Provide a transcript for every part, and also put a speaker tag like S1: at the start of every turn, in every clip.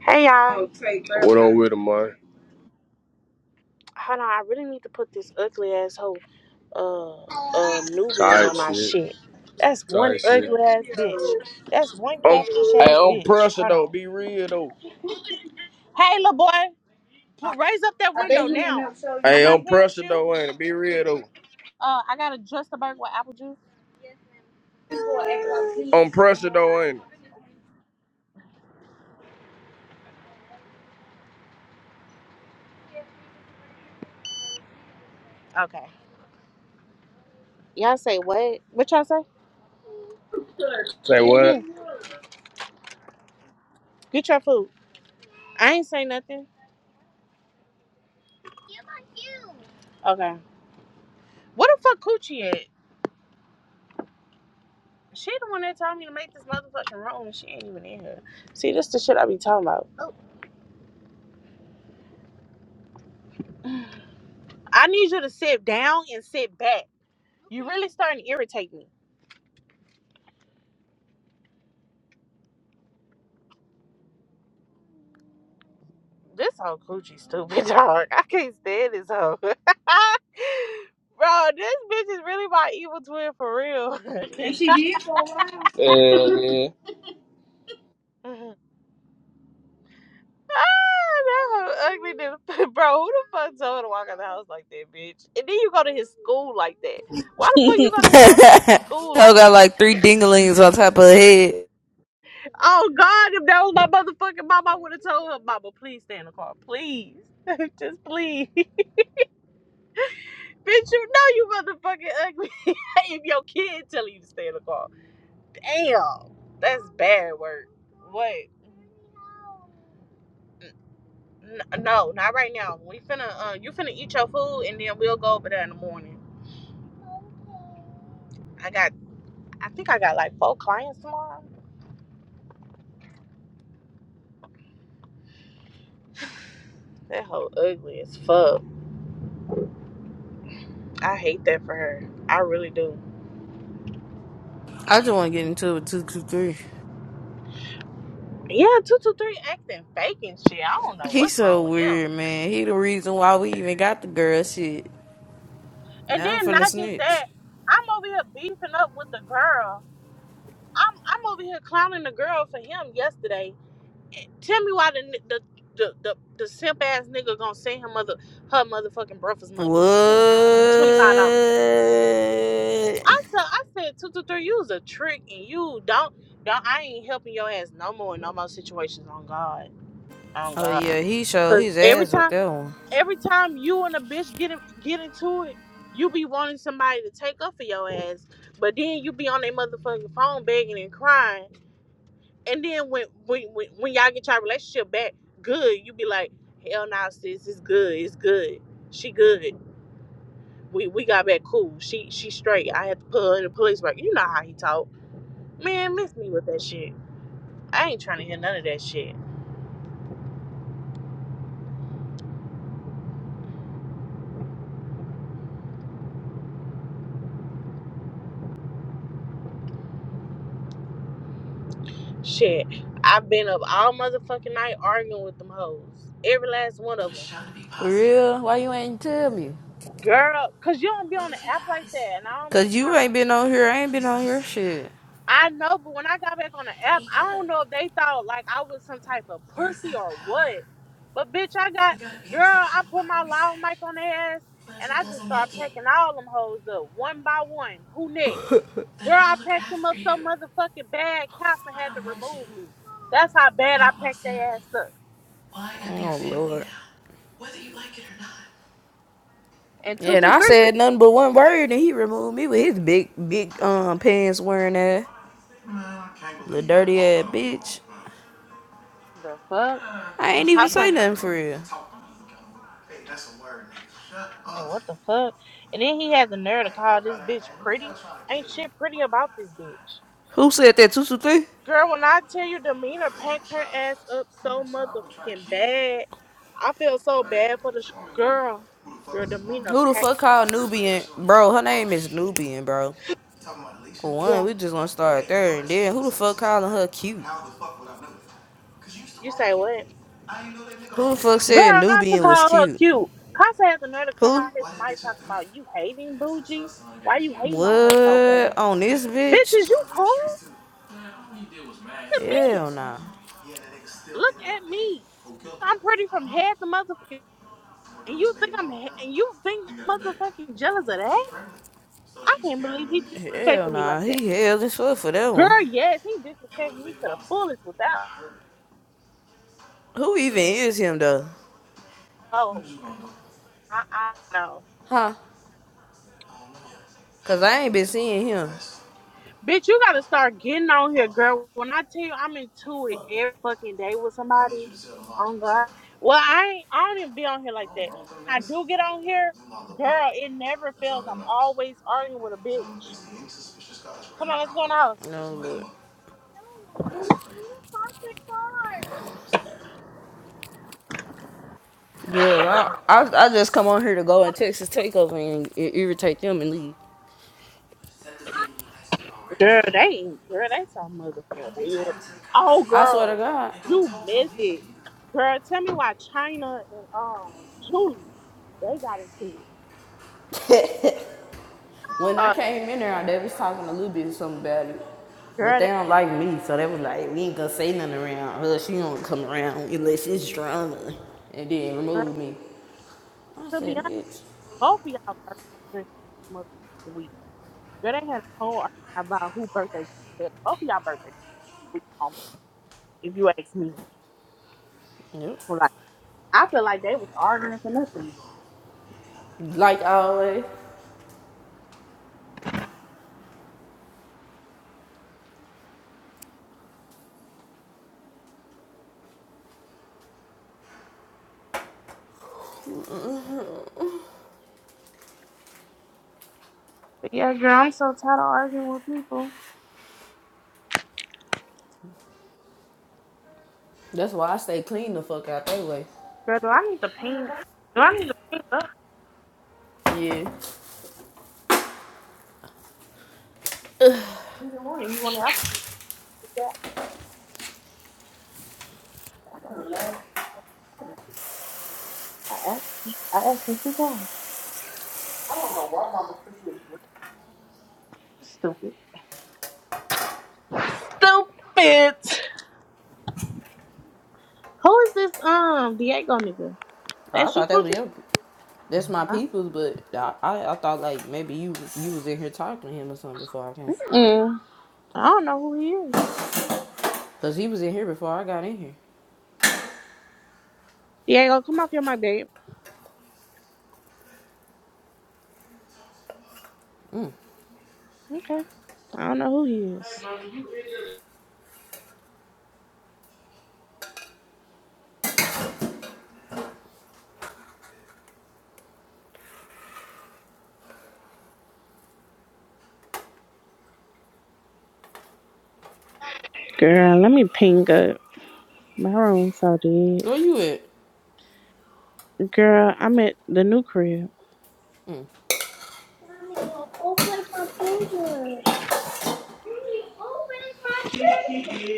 S1: Hey y'all,
S2: going take What on with him, man?
S1: hold on. I really need to put this ugly asshole, uh, uh, Nubian
S2: Tired
S1: on my
S2: shit.
S1: shit. That's one
S2: Tired shit.
S1: ugly ass bitch. That's one
S2: I'm,
S1: catfish
S2: hey,
S1: ass
S2: I'm
S1: bitch.
S2: pressure
S1: Hold
S2: though.
S1: on.
S2: Be real though.
S1: Hey, little boy, put, raise up that
S2: I bet
S1: window
S2: he ain't
S1: now.
S2: up so
S1: I'm
S2: Hey, I'm
S1: not
S2: ain't
S1: playing with
S2: pressure
S1: you.
S2: though, ain't it? Be real though.
S1: Uh, I got to just a burger with apple juice.
S2: like I'm pressure though, ain't it?
S1: Okay. Y'all say what? What y'all say?
S2: Say what?
S1: Hmm. Get your food. I ain't say nothing. Okay. What the fuck, coochie at? She the one that told me to make this motherfucking room, and she ain't even in here. See, this the shit I be talking about. I need you to sit down and sit back. You really starting to irritate me. This whole coochie stupid dog. I can't stand this hoe. Bro, this bitch is really my evil twin for real.
S2: and she did for a while. Yeah, yeah.
S1: ah, that hoe ugly than- Bro, who the fuck told her to walk out the house like that, bitch? And then you go to his school like that. Why the fuck you
S3: Hell
S1: go to his motherfucking school like that?
S3: got like three dinglings on top of her head.
S1: Oh God, if that was my motherfucking mama, I would have told her, Mama, please stay in the car. Please. Just please. Bitch, you know you motherfucking ugly. if your kid tell you to stay in the car. Damn. That's bad work. Wait. N- no, not right now. We finna uh you finna eat your food and then we'll go over there in the morning. I got I think I got like four clients tomorrow. That hoe ugly as fuck. I hate that for her. I really do.
S3: I just want to get into it with 223.
S1: Yeah, two two three acting fake and shit. I don't know
S3: He's
S1: what's
S3: so
S1: wrong with him.
S3: weird, man. He the reason why we even got the girl shit.
S1: And
S3: Now I'm
S1: then
S3: finna
S1: not just
S3: snitch.
S1: that, I'm over here beefing up with the girl. I'm I'm over here clowning the girl for him yesterday. Tell me why the ni- the the the, the simp ass nigga gonna send her mother her motherfucking breakfast money
S3: What?
S1: twenty five dollars. I said I said two two three. You was a trick and you don't don't. I ain't helping your ass no more in no more situations. On God, on
S3: Oh,
S1: God.
S3: yeah, he showed
S1: Cause
S3: his
S1: every
S3: ass with
S1: time
S3: that one.
S1: every time you and a bitch get in, get into it. You be wanting somebody to take up for your ass, but then you be on their motherfucking phone begging and crying And then when when when, when y'all get your relationship back good, you be like, hell nah, sis, it's good, it's good. She good. We we got back cool. She she straight. I had to put her in the police work. You know how he talk. Man, miss me with that shit. I ain't trying to hear none of that shit. Shit. I've been up all motherfucking night arguing with them hoes. Every last one of them.
S3: For real? Why you ain't tell me?
S1: Girl, cause you don't be on the app like that, and I don't be
S3: Cause you
S1: trying to.
S3: ain't been on here. I ain't been on your shit.
S1: I know, but when I got back on the app, I don't know if they thought like I was some type of pussy or what. But bitch, I got girl, I put my loud mic on their ass and I just start packing all them hoes up one by one. Who next? Girl, I packed them up so motherfucking bad, Casa had to remove me. That's how bad I packed their ass up.
S3: Why have Oh, you Lord.
S1: And two
S3: And
S1: two
S3: I
S1: three.
S3: said nothing but one word, and he removed me with his big, big um pants wearing ass. The dirty ass bitch.
S1: The fuck?
S3: I ain't
S1: And
S3: even say
S1: Casa,
S3: nothing for real.
S1: hey, what the fuck? And then he had the nerve to call this bitch pretty. Ain't shit pretty about this bitch.
S3: Who said that? 223?
S1: Girl, when I tell you Demeanor packed her ass up so motherfucking bad, I feel so bad for the sh- girl. Girl, Demeanor
S3: Who the
S1: packed.
S3: fuck called Nubian? Bro, her name is Nubian, bro. For one,
S1: Yeah,
S3: we just gonna start there. And then, who the fuck calling her cute?
S1: you say what?
S3: Who the fuck said
S1: Girl, Casa
S3: Nubian was
S1: called her
S3: cute?
S1: cute. Casa has the nerve to come
S3: Who?
S1: out his mic talking about you hating Bougie. Why you hating on her so
S3: What?
S1: bad?
S3: On this
S1: Bitches,
S3: bitch?
S1: you cool? Look at me.
S3: Hell nah.
S1: Look at me. I'm pretty from head to motherfucking. And you think I'm he- and you think I'm motherfucking jealous of that? I can't believe he
S3: Hell
S1: disrespected me
S3: nah,
S1: like that.
S3: he held in sweat for that one.
S1: Girl, yes, he disrespected me to the fullest without.
S3: Who even is him though?
S1: Oh, I, I know.
S3: Huh? Cause I ain't been seeing him.
S1: Bitch, you gotta start getting on here, girl. When I tell you I'm into it every fucking day with somebody, on God. Well, I ain't, I don't even be on here like that. I do get on here, girl. It never fails. I'm always arguing with a bitch. Come on, let's go in the house.
S3: No Girl, I, I I just come on here to go and Texas takeover and i- irritate them and leave.
S1: Girl, they ain't. Girl, they so motherfucking weird. Oh,
S3: I swear to
S1: girl,
S3: God,
S1: you missed it. Girl, tell me why China and um Julie they got into it.
S3: when I
S1: Uh,
S3: came in there, they was talking a little bit of something about it, but
S1: girl,
S3: they
S1: that
S3: don't like me, so they was like, we ain't gonna say nothing around her. She don't come around unless it's drama, and then
S1: girl.
S3: remove me. I
S1: To be
S3: said,
S1: honest,
S3: bitch.
S1: both of y'all birthdays this motherfucking week. Girl, they had a whole argument about who birthday. Both of y'all birthdays this week. Um, if you ask me,
S3: Yep.
S1: like I feel like they was arguing for nothing.
S3: Like always.
S1: But yeah, girl, I'm so tired of arguing with people.
S3: That's why I stay clean the fuck out that way.
S1: Girl, do I need to ping? Do I need to ping up?
S3: Yeah.
S1: You want it? You want it? I asked, I asked him two times. Stupid. Stupid. Who is this um Diego nigga?
S3: I
S1: That's you,
S3: thought that was
S1: Coochie?
S3: your that's my
S1: No,
S3: people's but I, I, I thought like maybe you you was in here talking to him or something before I came.
S1: Mm. I don't know who he is.
S3: Cause he was in here before I got in here.
S1: Diego, come off your mic, babe. Okay. I don't know who he is. Girl, let me ping up. My room so dead.
S3: Where you at?
S1: Girl, I'm at the new crib.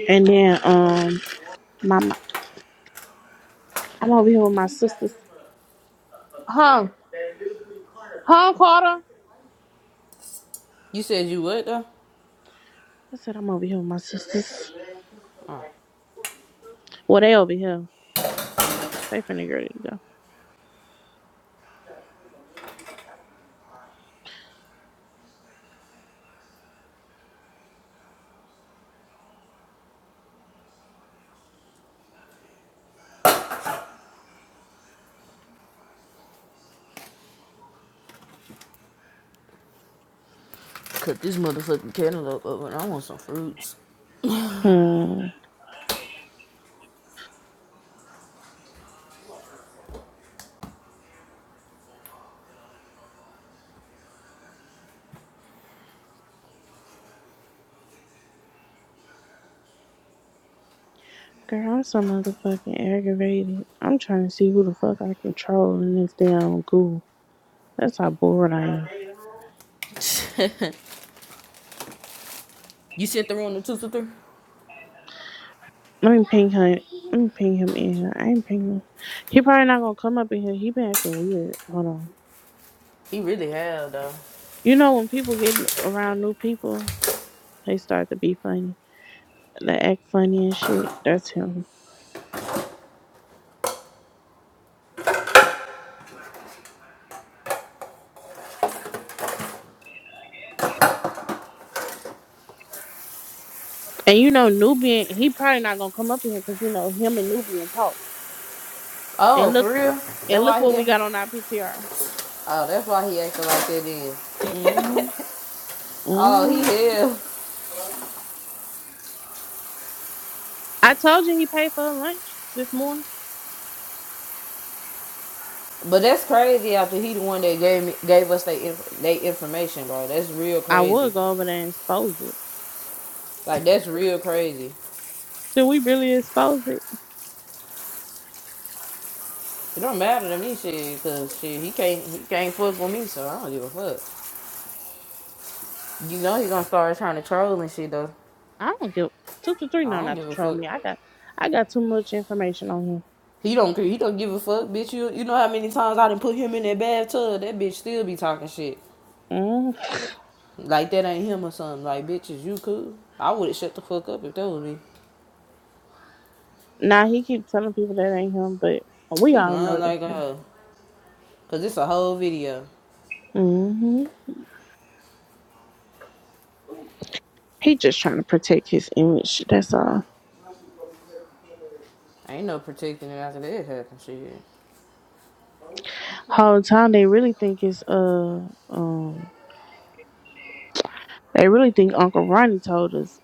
S1: And then um my, my I'm over here with my sisters. Huh? Huh, Carter?
S3: You said you what though?
S1: I said I'm over here with my sisters.
S3: Oh,
S1: Well they over here. They finna get ready to go.
S3: cut this motherfucking cantaloupe up and I want some fruits.
S1: Hmm. Girl, I'm so motherfucking aggravated. I'm trying to see who the fuck I control the next day on Google. That's how bored I am.
S3: you sent the room to two to three?
S1: Let me ping him. Let me ping him in. here. I ain't ping him. He probably not gonna come up in here. He been acting weird. Hold on.
S3: He really have though.
S1: You know when people get around new people, they start to be funny. They act funny and shit. That's him. And you know Nubian, he probably not gonna come up in here because you know him and Nubian talk.
S3: Oh,
S1: And look
S3: for real? That's
S1: and look
S3: why
S1: what
S3: he
S1: we got
S3: act-
S1: on our PTR.
S3: Oh, that's why he acting like that is.
S1: Mhm.
S3: Oh,
S1: Mhm.
S3: he here.
S1: I told you he paid for her lunch this morning.
S3: But that's crazy. After he the one that gave me gave us they inf- they information, bro. That's real
S1: I
S3: crazy.
S1: was over there and exposed it.
S3: Like that's real crazy.
S1: Should we really expose it?
S3: It don't matter to me, shit, cause shit he can't he can't fuck with me, so I don't give a fuck. You know he gonna start trying to troll and shit though.
S1: I don't give two to three know
S3: I don't
S1: not
S3: give
S1: to
S3: a
S1: troll
S3: fuck.
S1: me. I got I got too much information on him.
S3: He don't care. He don't give a fuck, bitch. You you know how many times I done put him in that bathtub? That bitch still be talking shit.
S1: Mm.
S3: Like that ain't him or something. Like bitch, is you cool? I would have shut the fuck up if that was me.
S1: Now he keep telling people that ain't him, but we
S3: He
S1: all know
S3: lying like
S1: that's him.
S3: uh, cause it's a whole video.
S1: hmm He just trying to protect his image. That's all.
S3: Ain't no protecting it after that happened, shit.
S1: Whole time they really think it's uh um they really think Uncle Ronnie told us.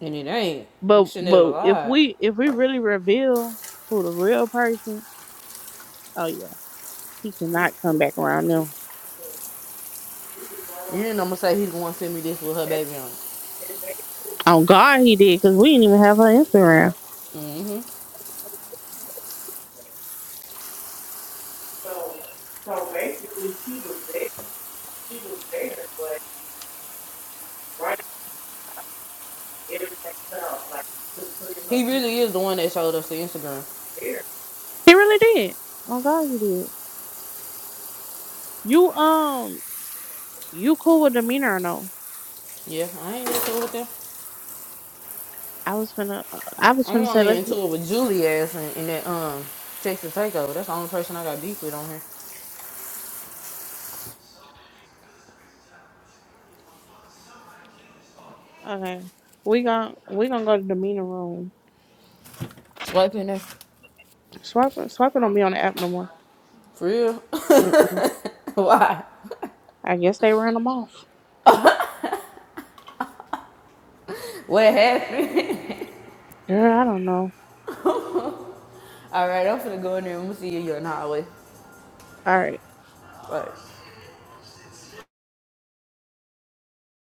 S3: And it ain't. We
S1: But
S3: should never
S1: but if
S3: lie.
S1: we if we really reveal who the real person, oh yeah. He cannot come back around them.
S3: You didn't know I'm gonna say he's the one send me this with her baby on it.
S1: On God, he did because we didn't even have her Instagram.
S3: hmm
S1: So, so basically, she She was was there. there, there. but right in like to put in her
S3: He
S1: piece
S3: really is the one that showed us the Instagram.
S1: there. He really did. On God, he did. You um, you cool with demeanor or no?
S3: Yeah, I ain't into it with them.
S1: I was finna, I was
S3: I'm
S1: finna say
S3: only
S1: let's.
S3: into
S1: Go.
S3: it with Julie ass and, and that um Texas Takeover. That's the only person I got beef with on here.
S1: Okay, we gon' we gonna go to demeanor room.
S3: Swipe in there.
S1: Swiper, Swiper don't be on the app no more.
S3: For real?
S1: Mm-mm.
S3: Why?
S1: I guess they ran them off.
S3: What happened?
S1: Girl, I don't know.
S3: All right, I'm finna go in there and we'll see you in the hallway.
S1: All right.
S3: Bye.